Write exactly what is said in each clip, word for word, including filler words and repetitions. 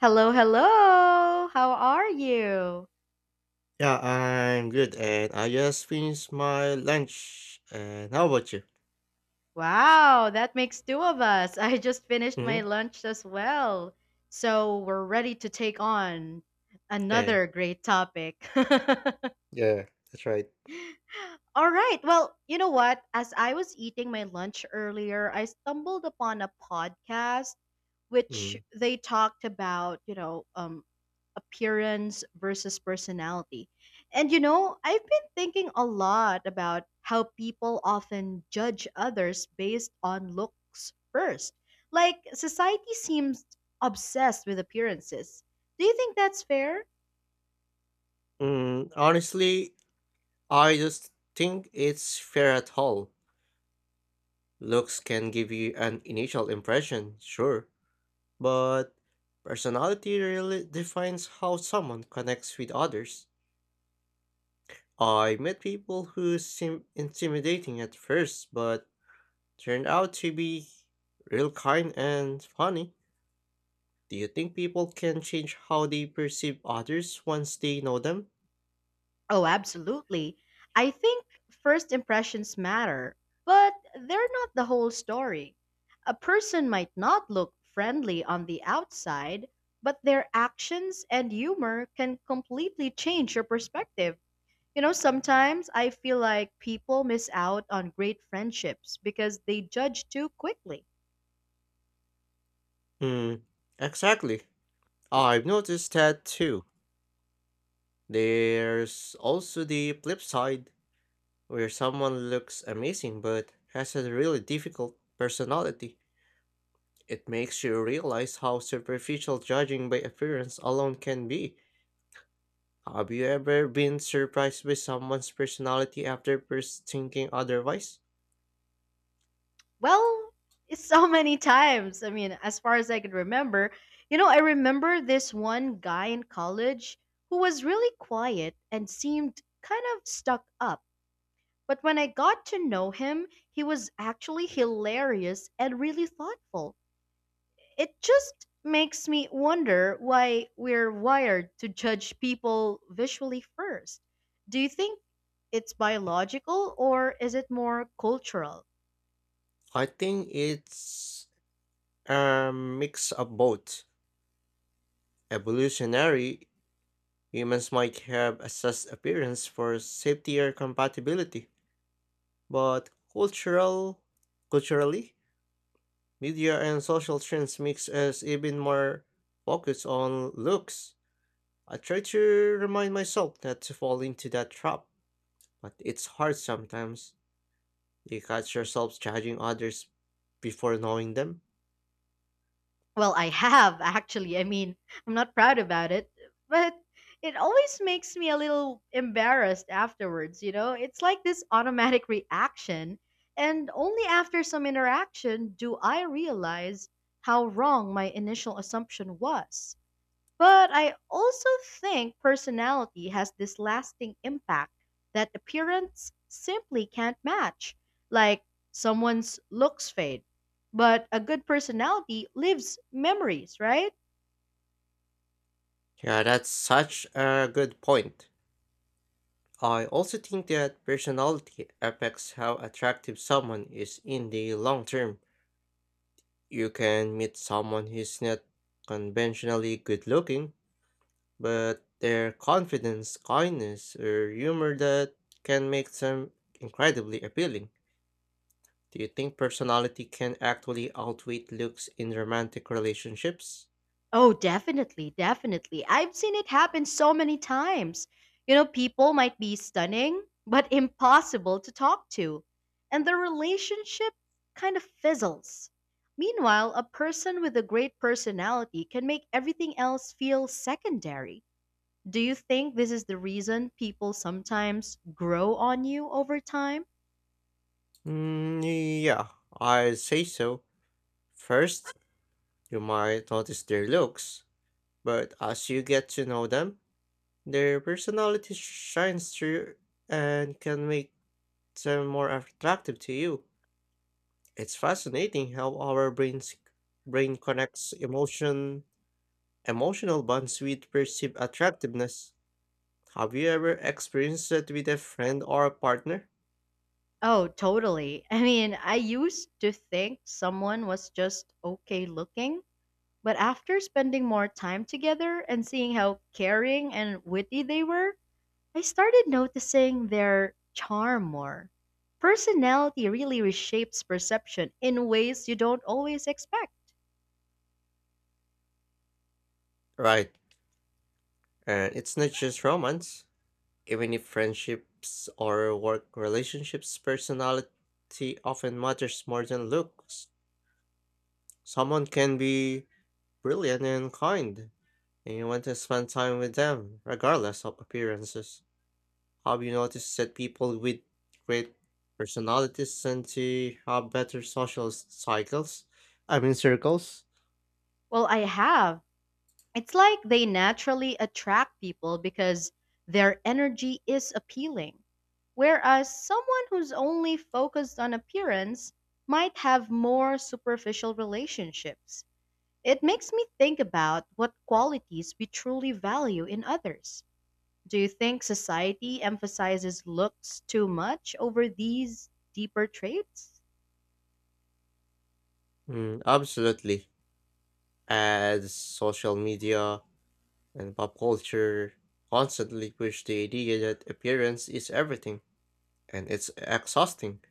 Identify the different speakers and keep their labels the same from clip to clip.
Speaker 1: Hello, hello. How are you?
Speaker 2: Yeah, I'm good, and I just finished my lunch. And how about you?
Speaker 1: Wow, that makes two of us. I just finished
Speaker 2: Hmm.
Speaker 1: my lunch as well. So we're ready to take on
Speaker 2: Yeah,
Speaker 1: another great topic.
Speaker 2: yeah, that's right.
Speaker 1: All right. Well, you know what? As I was eating my lunch earlier, I stumbled upon a podcast which
Speaker 2: Mm.
Speaker 1: they talked about, you know, um, appearance versus personality. And you know, I've been thinking a lot about how people often judge others based on looks first. Like, society seems obsessed with appearances. Do you think that's fair?
Speaker 2: Mm, honestly, I just think it's fair at all. Looks can give you an initial impression, sure, but personality really defines how someone connects with others. I met people who seem intimidating at first, but turned out to be real kind and funny. Do you think people can change how they perceive others once they know them?
Speaker 1: Oh, absolutely. I think first impressions matter, but they're not the whole story. A person might not look friendly on the outside, but their actions and humor can completely change your perspective. You know, sometimes I feel like people miss out on great friendships because they judge too quickly.
Speaker 2: Hmm, exactly. I've noticed that too. There's also the flip side, where someone looks amazing but has a really difficult personality. It makes you realize how superficial judging by appearance alone can be. Have you ever been surprised by someone's personality after first thinking otherwise?
Speaker 1: Well, it's so many times. I mean, as far as I can remember, you know, I remember this one guy in college who was really quiet and seemed kind of stuck up. But when I got to know him, he was actually hilarious and really thoughtful. It just makes me wonder why we're wired to judge people visually first. Do you think it's biological or is it more cultural?
Speaker 2: I think it's a mix of both. Evolutionary, humans might have assessed appearance for safety or compatibility, but cultural, culturally, media and social trends makes us even more focused on looks. I try to remind myself not to fall into that trap, but it's hard sometimes. You catch yourself judging others before knowing them.
Speaker 1: Well, I have, actually. I mean, I'm not proud about it, but it always makes me a little embarrassed afterwards, you know? It's like this automatic reaction, and only after some interaction do I realize how wrong my initial assumption was. But I also think personality has this lasting impact that appearance simply can't match. Like someone's looks fade, but a good personality lives memories, right?
Speaker 2: Yeah, that's such a good point. I also think that personality affects how attractive someone is in the long term. You can meet someone who's not conventionally good looking, but their confidence, kindness, or humor that can make them incredibly appealing. Do you think personality can actually outweigh looks in romantic relationships?
Speaker 1: Oh, definitely, definitely. I've seen it happen so many times. You know, people might be stunning, but impossible to talk to. And the relationship kind of fizzles. Meanwhile, a person with a great personality can make everything else feel secondary. Do you think this is the reason people sometimes grow on you over time?
Speaker 2: Mm, yeah, I say so. First, you might notice their looks, but as you get to know them, their personality shines through and can make them more attractive to you. It's fascinating how our brains brain connects emotion emotional bonds with perceived attractiveness. Have you ever experienced that with a friend or a partner?
Speaker 1: Oh, totally. I mean, I used to think someone was just okay looking. But after spending more time together and seeing how caring and witty they were, I started noticing their charm more. Personality really reshapes perception in ways you don't always expect.
Speaker 2: Right. And it's not just romance. Even if friendships or work relationships, personality often matters more than looks. Someone can be brilliant and kind, and you want to spend time with them, regardless of appearances. Have you noticed that people with great personalities tend to have better social s- cycles? I mean, circles?
Speaker 1: Well, I have. It's like they naturally attract people because their energy is appealing. Whereas someone who's only focused on appearance might have more superficial relationships. It makes me think about what qualities we truly value in others. Do you think society emphasizes looks too much over these deeper traits?
Speaker 2: Mm, absolutely. As social media and pop culture constantly push the idea that appearance is everything, and it's exhausting,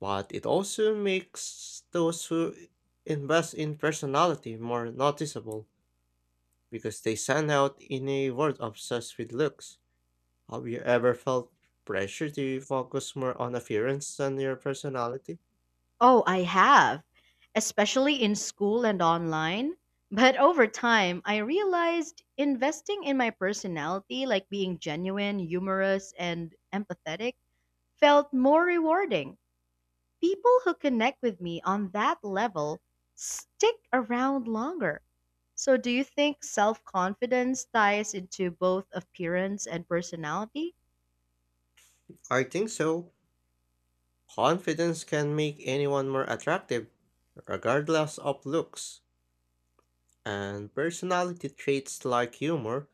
Speaker 2: but it also makes those who invest in personality more noticeable, because they stand out in a world obsessed with looks. Have you ever felt pressure to focus more on appearance than your personality?
Speaker 1: Oh, I have, especially in school and online. But over time, I realized investing in my personality, like being genuine, humorous, and empathetic, felt more rewarding. People who connect with me on that level stick around longer. So, do you think self confidence ties into both appearance and personality?
Speaker 2: I think so. Confidence can make anyone more attractive, regardless of looks, and personality traits like humor,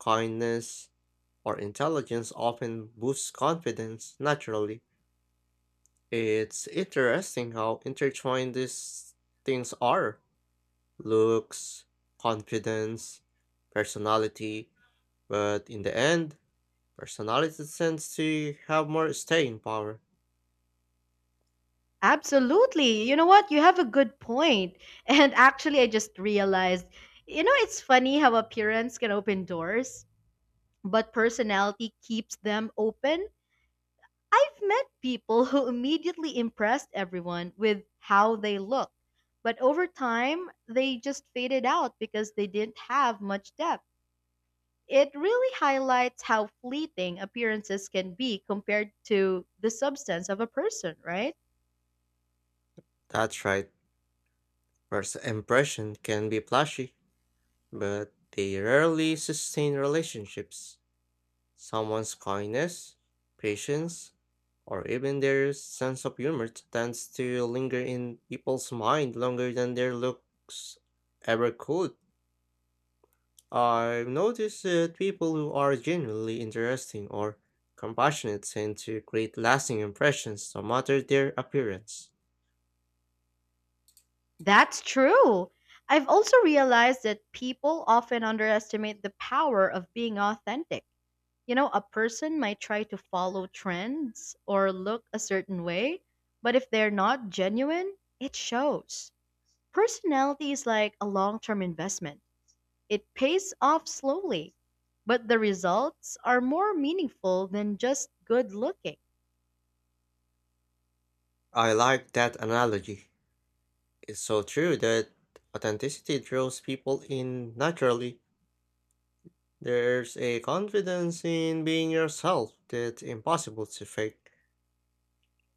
Speaker 2: kindness, or intelligence often boost confidence naturally. It's interesting how intertwined these things are: looks, confidence, personality, but in the end, personality tends to have more staying power.
Speaker 1: Absolutely. You know what? You have a good point. And actually, I just realized, you know, it's funny how appearance can open doors, but personality keeps them open. I've met people who immediately impressed everyone with how they look, but over time, they just faded out because they didn't have much depth. It really highlights how fleeting appearances can be compared to the substance of a person, right?
Speaker 2: That's right, first impression can be flashy, but they rarely sustain relationships. Someone's kindness, patience, or even their sense of humor tends to linger in people's mind longer than their looks ever could. I've noticed that people who are genuinely interesting or compassionate tend to create lasting impressions no matter their appearance.
Speaker 1: That's true. I've also realized that people often underestimate the power of being authentic. You know, a person might try to follow trends or look a certain way, but if they're not genuine, it shows. Personality is like a long term investment. It pays off slowly, but the results are more meaningful than just good looking.
Speaker 2: I like that analogy. It's so true that authenticity draws people in naturally. There's a confidence in being yourself that's impossible to fake,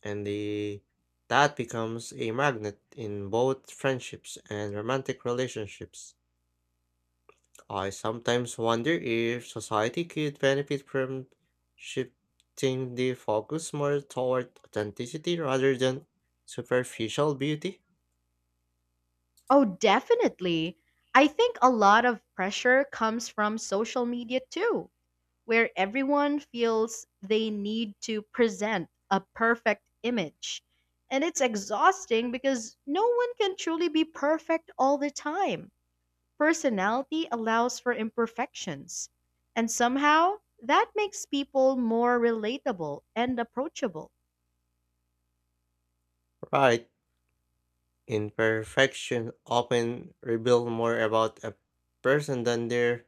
Speaker 2: and the that becomes a magnet in both friendships and romantic relationships. I sometimes wonder if society could benefit from shifting the focus more toward authenticity rather than superficial beauty.
Speaker 1: Oh, definitely. I think a lot of pressure comes from social media too, where everyone feels they need to present a perfect image. And it's exhausting because no one can truly be perfect all the time. Personality allows for imperfections, and somehow that makes people more relatable and approachable.
Speaker 2: Right, imperfection often reveal more about a person than their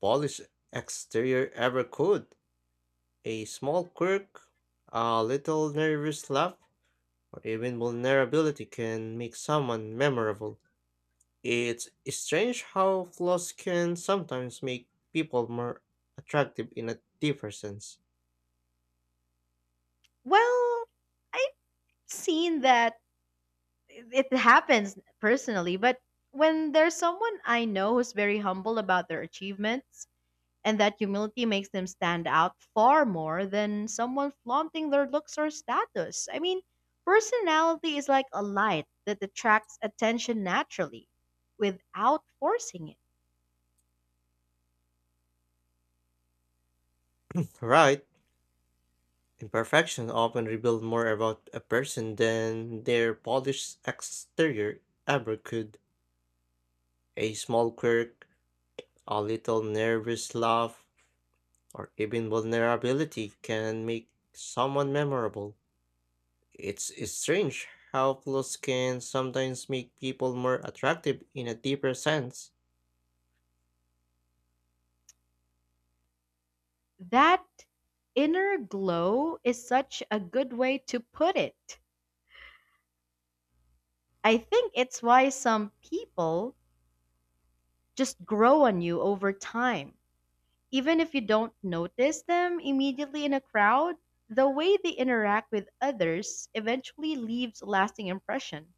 Speaker 2: polished exterior ever could. A small quirk, a little nervous laugh, or even vulnerability can make someone memorable. It's strange how flaws can sometimes make people more attractive in a deeper sense.
Speaker 1: Well, I've seen that it happens personally, but when there's someone I know who's very humble about their achievements, and that humility makes them stand out far more than someone flaunting their looks or status. I mean, personality is like a light that attracts attention naturally without forcing it.
Speaker 2: Right, imperfections often reveal more about a person than their polished exterior ever could. A small quirk, a little nervous laugh, or even vulnerability can make someone memorable. It's strange how flaws can sometimes make people more attractive in a deeper sense.
Speaker 1: That inner glow is such a good way to put it. I think it's why some people just grow on you over time. Even if you don't notice them immediately in a crowd, the way they interact with others eventually leaves a lasting impression.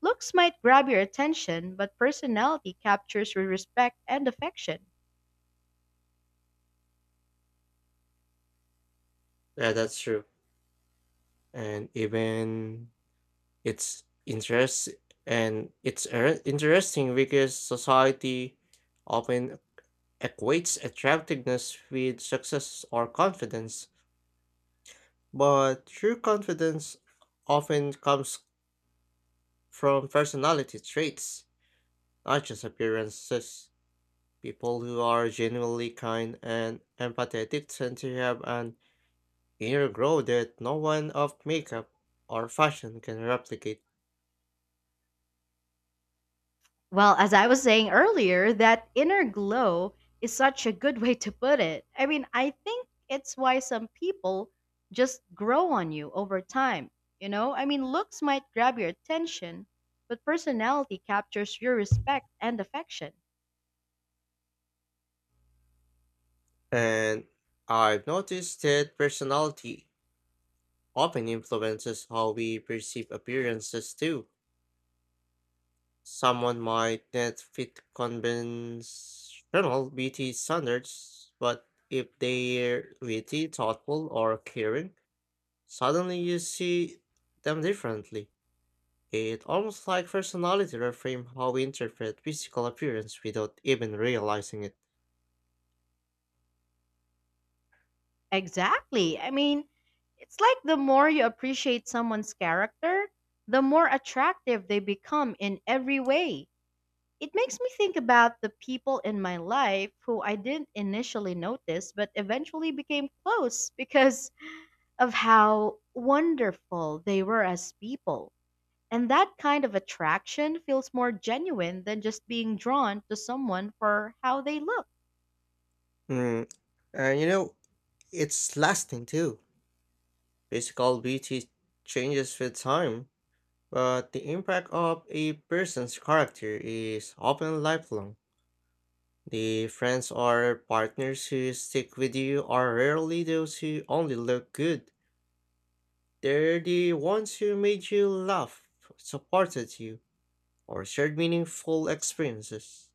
Speaker 1: Looks might grab your attention, but personality captures your respect and affection.
Speaker 2: Yeah, that's true. And even it's interest and it's er- interesting because society often equates attractiveness with success or confidence, but true confidence often comes from personality traits, not just appearances. People who are genuinely kind and empathetic tend to have an inner glow that no one of makeup or fashion can replicate.
Speaker 1: Well, as I was saying earlier, that inner glow is such a good way to put it. I mean, I think it's why some people just grow on you over time. You know, I mean, looks might grab your attention, but personality captures your respect and affection.
Speaker 2: And I've noticed that personality often influences how we perceive appearances too. Someone might not fit conventional beauty standards, but if they're witty, thoughtful, or caring, suddenly you see them differently. It almost like personality reframe how we interpret physical appearance without even realizing it.
Speaker 1: Exactly. I mean, it's like the more you appreciate someone's character, the more attractive they become in every way. It makes me think about the people in my life who I didn't initially notice but eventually became close because of how wonderful they were as people. And that kind of attraction feels more genuine than just being drawn to someone for how they look.
Speaker 2: Mm, and you know, it's lasting too. Physical beauty changes with time, but the impact of a person's character is often lifelong. The friends or partners who stick with you are rarely those who only look good. They're the ones who made you laugh, supported you, or shared meaningful experiences.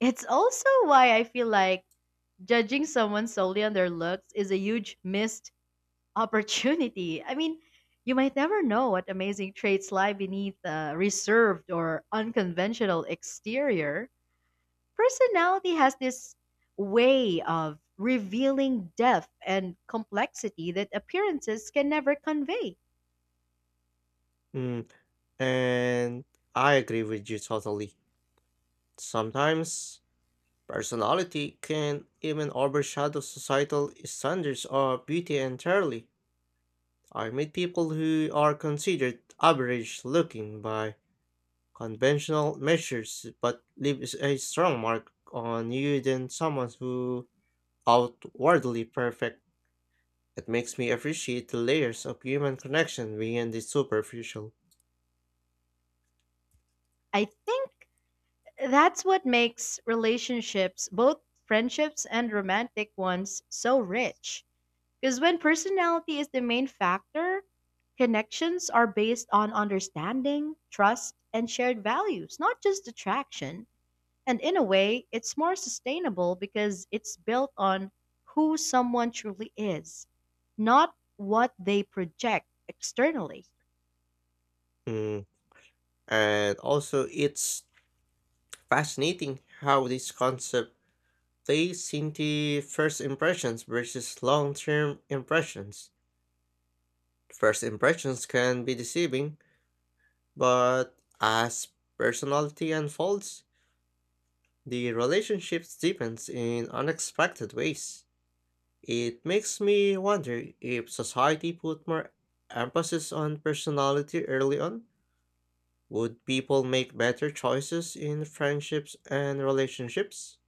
Speaker 1: It's also why I feel like judging someone solely on their looks is a huge misstep opportunity. I mean, you might never know what amazing traits lie beneath a reserved or unconventional exterior. Personality has this way of revealing depth and complexity that appearances can never convey.
Speaker 2: Mm, and I agree with you totally. Sometimes personality can even overshadow societal standards of beauty entirely. I meet people who are considered average looking by conventional measures but leave s- a strong mark on you than someone who outwardly perfect. It makes me appreciate the layers of human connection beyond the superficial.
Speaker 1: I think that's what makes relationships, both friendships and romantic ones, so rich. Because when personality is the main factor, connections are based on understanding, trust, and shared values, not just attraction. And in a way, it's more sustainable because it's built on who someone truly is, not what they project externally.
Speaker 2: Mm. And also it's fascinating how this concept, they seem the first impressions versus long term impressions. First impressions can be deceiving, but as personality unfolds, the relationship deepens in unexpected ways. It makes me wonder if society put more emphasis on personality early on, would people make better choices in friendships and relationships?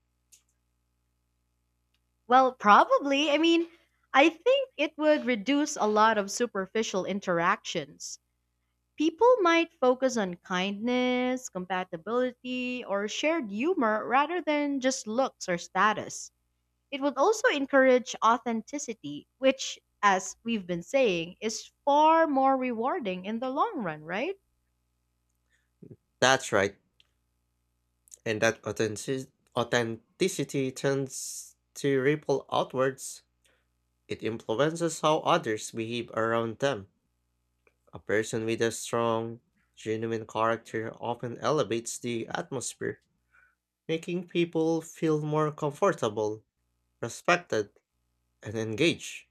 Speaker 1: Well, probably. I mean, I think it would reduce a lot of superficial interactions. People might focus on kindness, compatibility, or shared humor rather than just looks or status. It would also encourage authenticity, which, as we've been saying, is far more rewarding in the long run, right?
Speaker 2: That's right. And that authentic- authenticity tends to ripple outwards. It influences how others behave around them. A person with a strong, genuine character often elevates the atmosphere, making people feel more comfortable, respected, and engaged.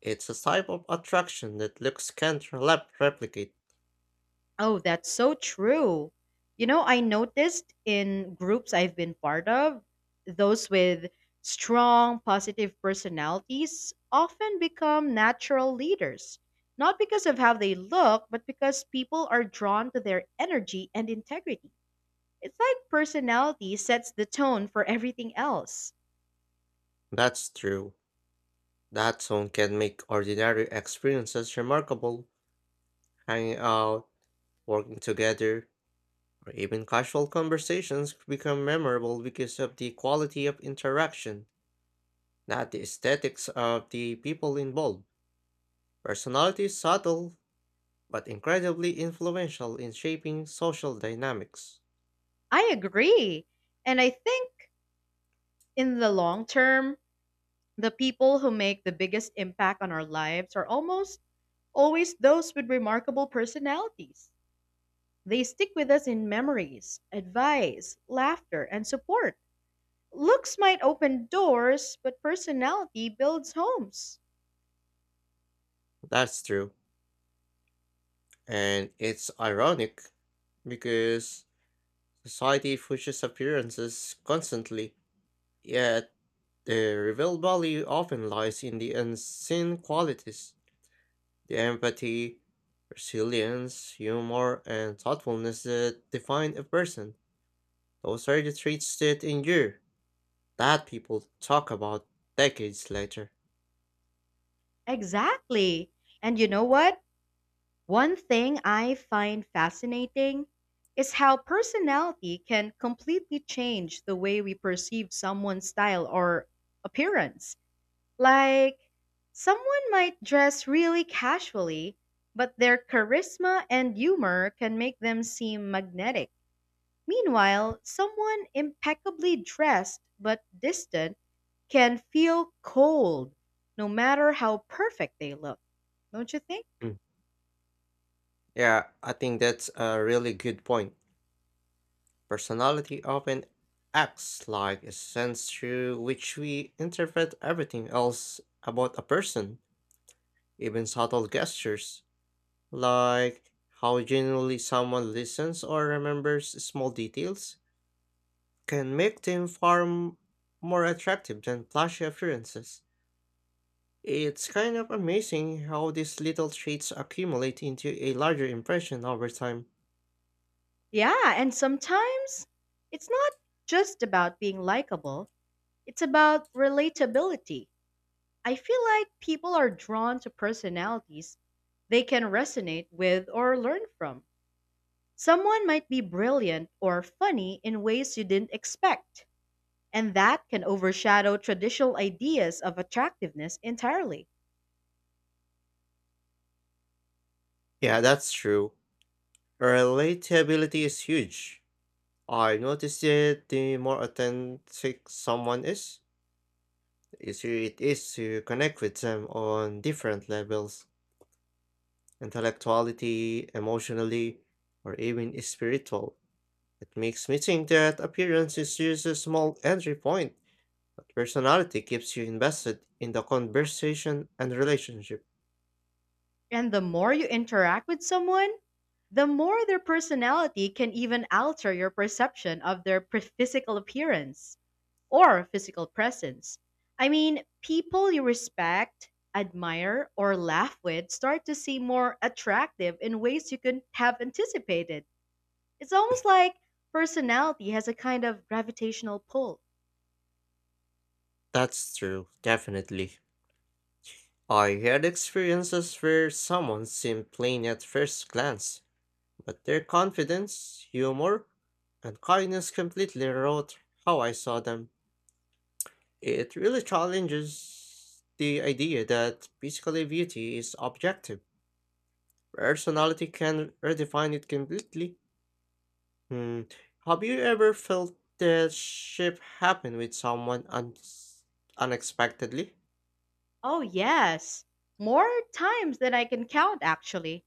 Speaker 2: It's a type of attraction that looks can't rep- replicate.
Speaker 1: Oh, that's so true. You know, I noticed in groups I've been part of, those with strong positive personalities often become natural leaders, not because of how they look, but because people are drawn to their energy and integrity. It's like personality sets the tone for everything else.
Speaker 2: That's true. That tone can make ordinary experiences remarkable. Hanging out, working together, or even casual conversations become memorable because of the quality of interaction, not the aesthetics of the people involved. Personality is subtle, but incredibly influential in shaping social dynamics.
Speaker 1: I agree. And I think in the long term, the people who make the biggest impact on our lives are almost always those with remarkable personalities. They stick with us in memories, advice, laughter, and support. Looks might open doors, but personality builds homes.
Speaker 2: That's true. And it's ironic because society pushes appearances constantly, yet the real value often lies in the unseen qualities: the empathy, resilience, humor, and thoughtfulness that define a person. Those are the traits that endure, that people talk about decades later.
Speaker 1: Exactly. And you know what? One thing I find fascinating is how personality can completely change the way we perceive someone's style or appearance. Like, someone might dress really casually, but their charisma and humor can make them seem magnetic. Meanwhile, someone impeccably dressed but distant can feel cold, no matter how perfect they look. Don't you think?
Speaker 2: Mm. Yeah, I think that's a really good point. Personality often acts like a sense through which we interpret everything else about a person, even subtle gestures, like how genuinely someone listens or remembers small details, can make them far m- more attractive than flashy appearances. It's kind of amazing how these little traits accumulate into a larger impression over time.
Speaker 1: Yeah, and sometimes it's not just about being likable, it's about relatability. I feel like people are drawn to personalities they can resonate with or learn from. Someone might be brilliant or funny in ways you didn't expect, and that can overshadow traditional ideas of attractiveness entirely.
Speaker 2: Yeah, that's true. Relatability is huge. I noticed that the more authentic someone is, the easier it is to connect with them on different levels: intellectually, emotionally, or even spiritual. It makes me think that appearance is just a small entry point, but personality keeps you invested in the conversation and relationship.
Speaker 1: And the more you interact with someone, the more their personality can even alter your perception of their pre- physical appearance or physical presence. I mean, people you respect, admire, or laugh with start to seem more attractive in ways you couldn't have anticipated. It's almost like personality has a kind of gravitational pull.
Speaker 2: That's true, definitely. I had experiences where someone seemed plain at first glance, but their confidence, humor, and kindness completely wrote how I saw them. It really challenges the idea that basically beauty is objective. Personality can redefine it completely. Hmm. Have you ever felt the shift happen with someone un- unexpectedly?
Speaker 1: Oh, yes, more times than I can count, actually.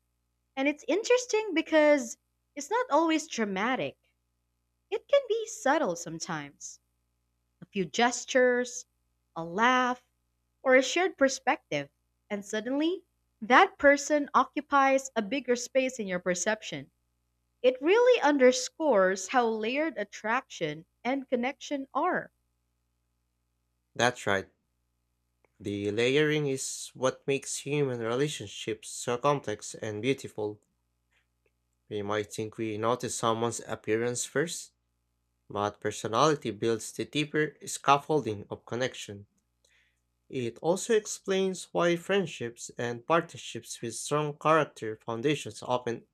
Speaker 1: And it's interesting because it's not always dramatic, it can be subtle sometimes. A few gestures, a laugh, or a shared perspective. And suddenly, that person occupies a bigger space in your perception. It really underscores how layered attraction and connection are.
Speaker 2: That's right. The layering is what makes human relationships so complex and beautiful. We might think we notice someone's appearance first, but personality builds the deeper scaffolding of connection. It also explains why friendships and partnerships with strong character foundations often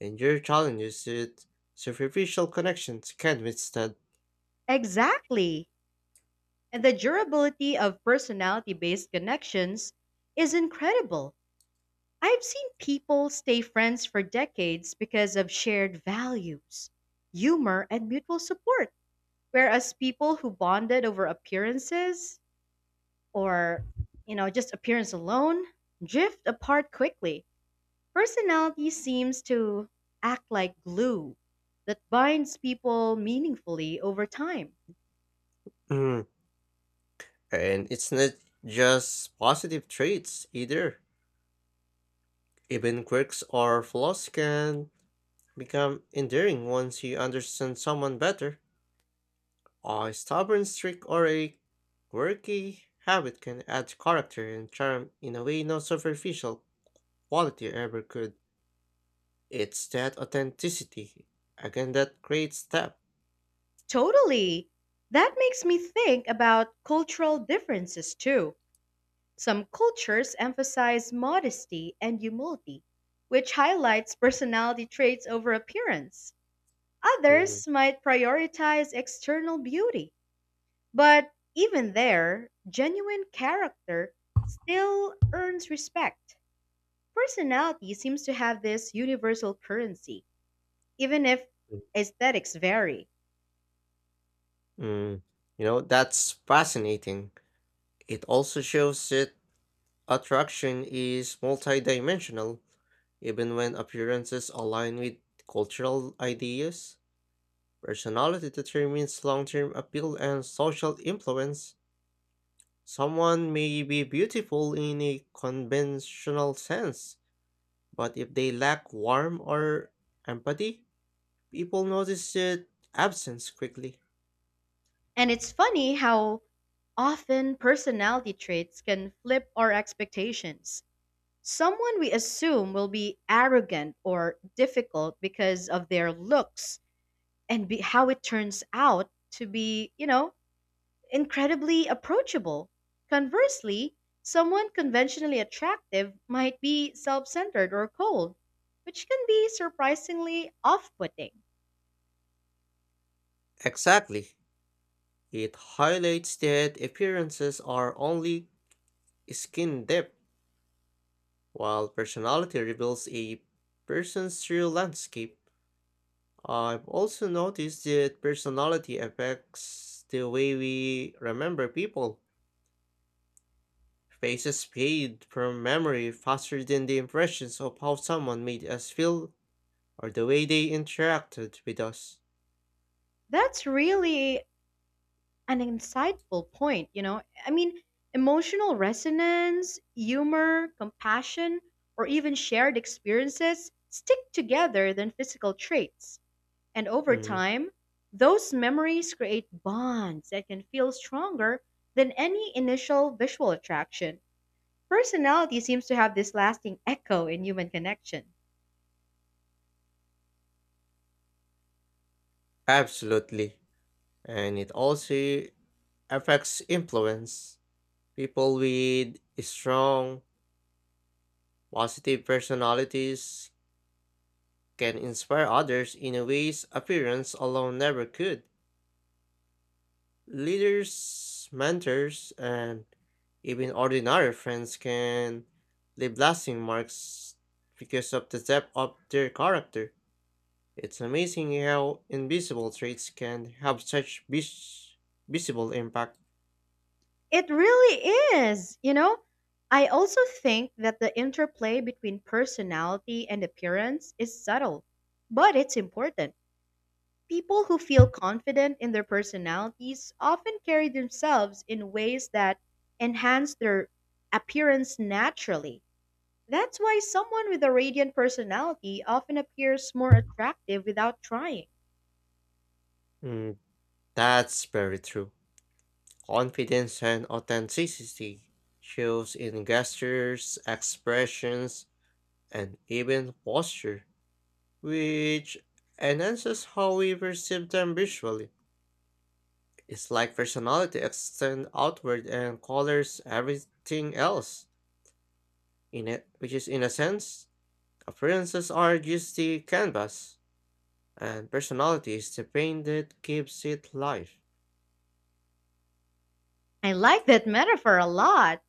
Speaker 2: endure challenges that superficial connections can withstand.
Speaker 1: Exactly. And the durability of personality based connections is incredible. I've seen people stay friends for decades because of shared values, humor, and mutual support. Whereas people who bonded over appearances or, you know, just appearance alone drift apart quickly. Personality seems to act like glue that binds people meaningfully over time.
Speaker 2: Mm, and it's not just positive traits either. Even quirks or flaws can become endearing once you understand someone better. A stubborn streak or a quirky habit can add character and charm in a way no superficial quality ever could. It's that authenticity again that creates depth.
Speaker 1: Totally. That makes me think about cultural differences too. Some cultures emphasize modesty and humility, which highlights personality traits over appearance.
Speaker 2: Mm,
Speaker 1: Others might prioritize external beauty. But even there, genuine character still earns respect. Personality seems to have this universal currency, even if
Speaker 2: mm,
Speaker 1: aesthetics vary.
Speaker 2: mm. You know, that's fascinating. It also shows that attraction is multidimensional, even when appearances align with cultural ideas. Personality determines long term appeal and social influence. Someone may be beautiful in a conventional sense, but if they lack warmth or empathy, people notice their absence quickly.
Speaker 1: And it's funny how often, personality traits can flip our expectations. Someone we assume will be arrogant or difficult because of their looks, and be how it turns out to be, you know, incredibly approachable. Conversely, someone conventionally attractive might be self centered or cold, which can be surprisingly off putting.
Speaker 2: Exactly. It highlights that appearances are only skin depth, while personality reveals a person's true landscape. I've also noticed that personality affects the way we remember people. Faces fade from memory faster than the impressions of how someone made us feel or the way they interacted with us.
Speaker 1: That's really an insightful point, you know. I mean, emotional resonance, humor, compassion, or even shared experiences stick together than physical traits. And over
Speaker 2: Mm,
Speaker 1: time, those memories create bonds that can feel stronger than any initial visual attraction. Personality seems to have this lasting echo in human connection.
Speaker 2: absolutely. And it also affects influence. People with strong, positive personalities can inspire others in a ways appearance alone never could. Leaders, mentors, and even ordinary friends can leave lasting marks because of the depth of their character. It's amazing how invisible traits can have such vis- visible impact.
Speaker 1: It really is, you know? I also think that the interplay between personality and appearance is subtle, but it's important. People who feel confident in their personalities often carry themselves in ways that enhance their appearance naturally. That's why someone with a radiant personality often appears more attractive without trying.
Speaker 2: Mm, that's very true. Confidence and authenticity shows in gestures, expressions, and even posture, which enhances how we perceive them visually. It's like personality extends outward and colors everything else. In it, which is in a sense, appearances are just the canvas, and personality is the paint that gives it life.
Speaker 1: I like that metaphor a lot.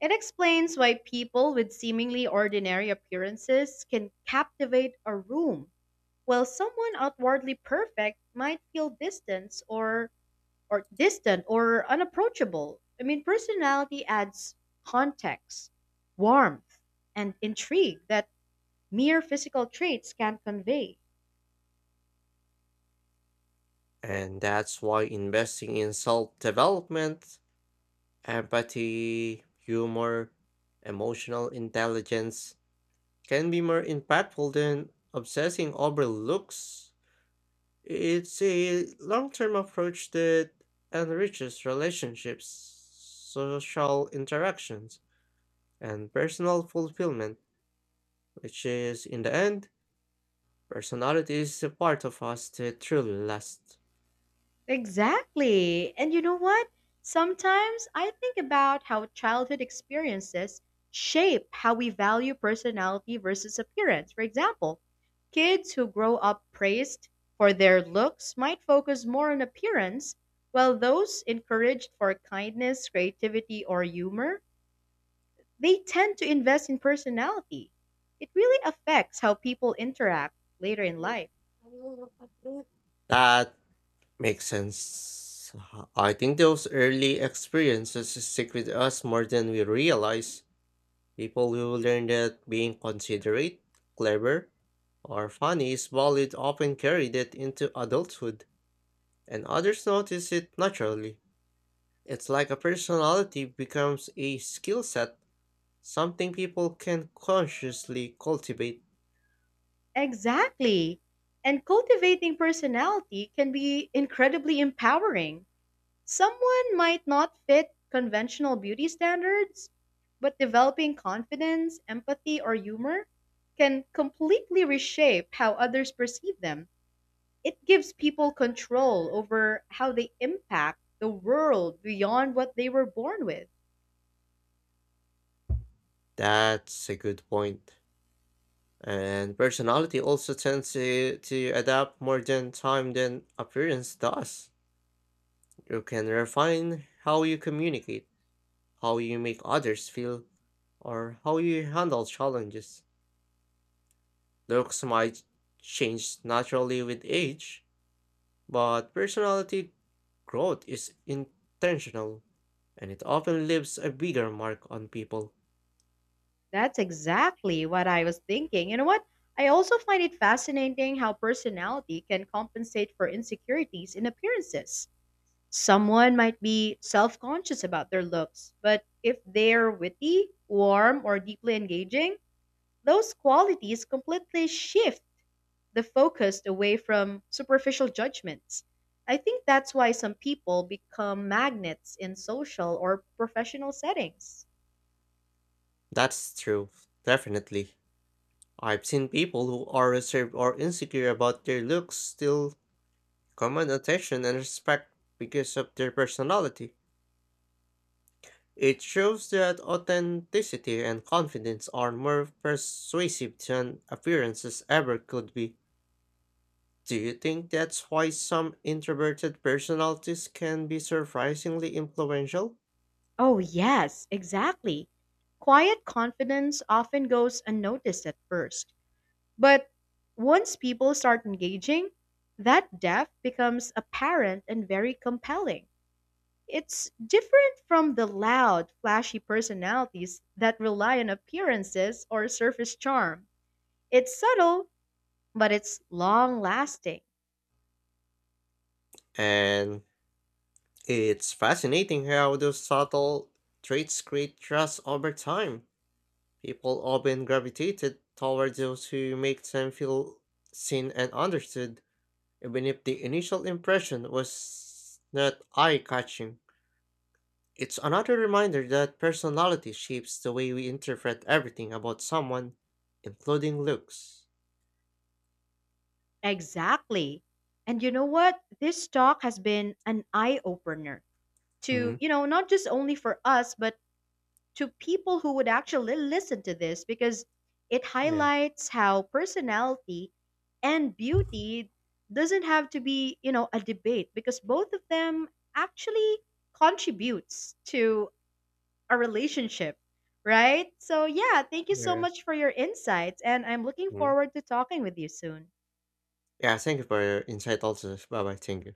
Speaker 1: It explains why people with seemingly ordinary appearances can captivate a room, while someone outwardly perfect might feel distance or or distant or unapproachable. I mean, personality adds context, warmth, and intrigue that mere physical traits can't convey.
Speaker 2: And that's why investing in self development, empathy, humor, emotional intelligence can be more impactful than obsessing over looks. It's a long term approach that enriches relationships, social interactions, and personal fulfillment, which is, in the end, personality is the part of us that truly lasts.
Speaker 1: Exactly. And you know what? Sometimes I think about how childhood experiences shape how we value personality versus appearance. For example, kids who grow up praised for their looks might focus more on appearance, while those encouraged for kindness, creativity, or humor, they tend to invest in personality. It really affects how people interact later in life.
Speaker 2: That makes sense. I think those early experiences stick with us more than we realize. People who learn that being considerate, clever, or funny is valid often carry that into adulthood, and others notice it naturally. It's like a personality becomes a skill set, something people can consciously cultivate.
Speaker 1: Exactly. And cultivating personality can be incredibly empowering. Someone might not fit conventional beauty standards, but developing confidence, empathy, or humor can completely reshape how others perceive them. It gives people control over how they impact the world beyond what they were born with.
Speaker 2: That's a good point. And personality also tends to, to adapt more than time than appearance does. You can refine how you communicate, how you make others feel, or how you handle challenges. Looks might change naturally with age, but personality growth is intentional and it often leaves a bigger mark on people.
Speaker 1: That's exactly what I was thinking. You know what? I also find it fascinating how personality can compensate for insecurities in appearances. Someone might be self conscious about their looks, but if they're witty, warm, or deeply engaging, those qualities completely shift the focus away from superficial judgments. I think that's why some people become magnets in social or professional settings.
Speaker 2: That's true, definitely. I've seen people who are reserved or insecure about their looks still command attention and respect because of their personality. It shows that authenticity and confidence are more persuasive than appearances ever could be. Do you think that's why some introverted personalities can be surprisingly influential?
Speaker 1: Oh, yes, exactly. Quiet confidence often goes unnoticed at first, but once people start engaging, that depth becomes apparent and very compelling. It's different from the loud, flashy personalities that rely on appearances or surface charm. It's subtle, but it's long lasting.
Speaker 2: And it's fascinating how those subtle traits create trust over time. People often gravitated toward those who make them feel seen and understood, even if the initial impression was not eye catching. It's another reminder that personality shapes the way we interpret everything about someone, including looks.
Speaker 1: Exactly. And you know what? This talk has been an eye opener
Speaker 2: Hmm.
Speaker 1: to, you know, not just only for us, but to people who would actually listen to this because it
Speaker 2: Yeah.
Speaker 1: highlights how personality and beauty doesn't have to be, you know, a debate because both of them actually contributes to a relationship, right? So yeah, thank you so
Speaker 2: Yeah.
Speaker 1: much for your insights and I'm looking
Speaker 2: Mhm.
Speaker 1: forward to talking with you soon.
Speaker 2: Yeah, thank you for your insight also. Bye bye. Thank you.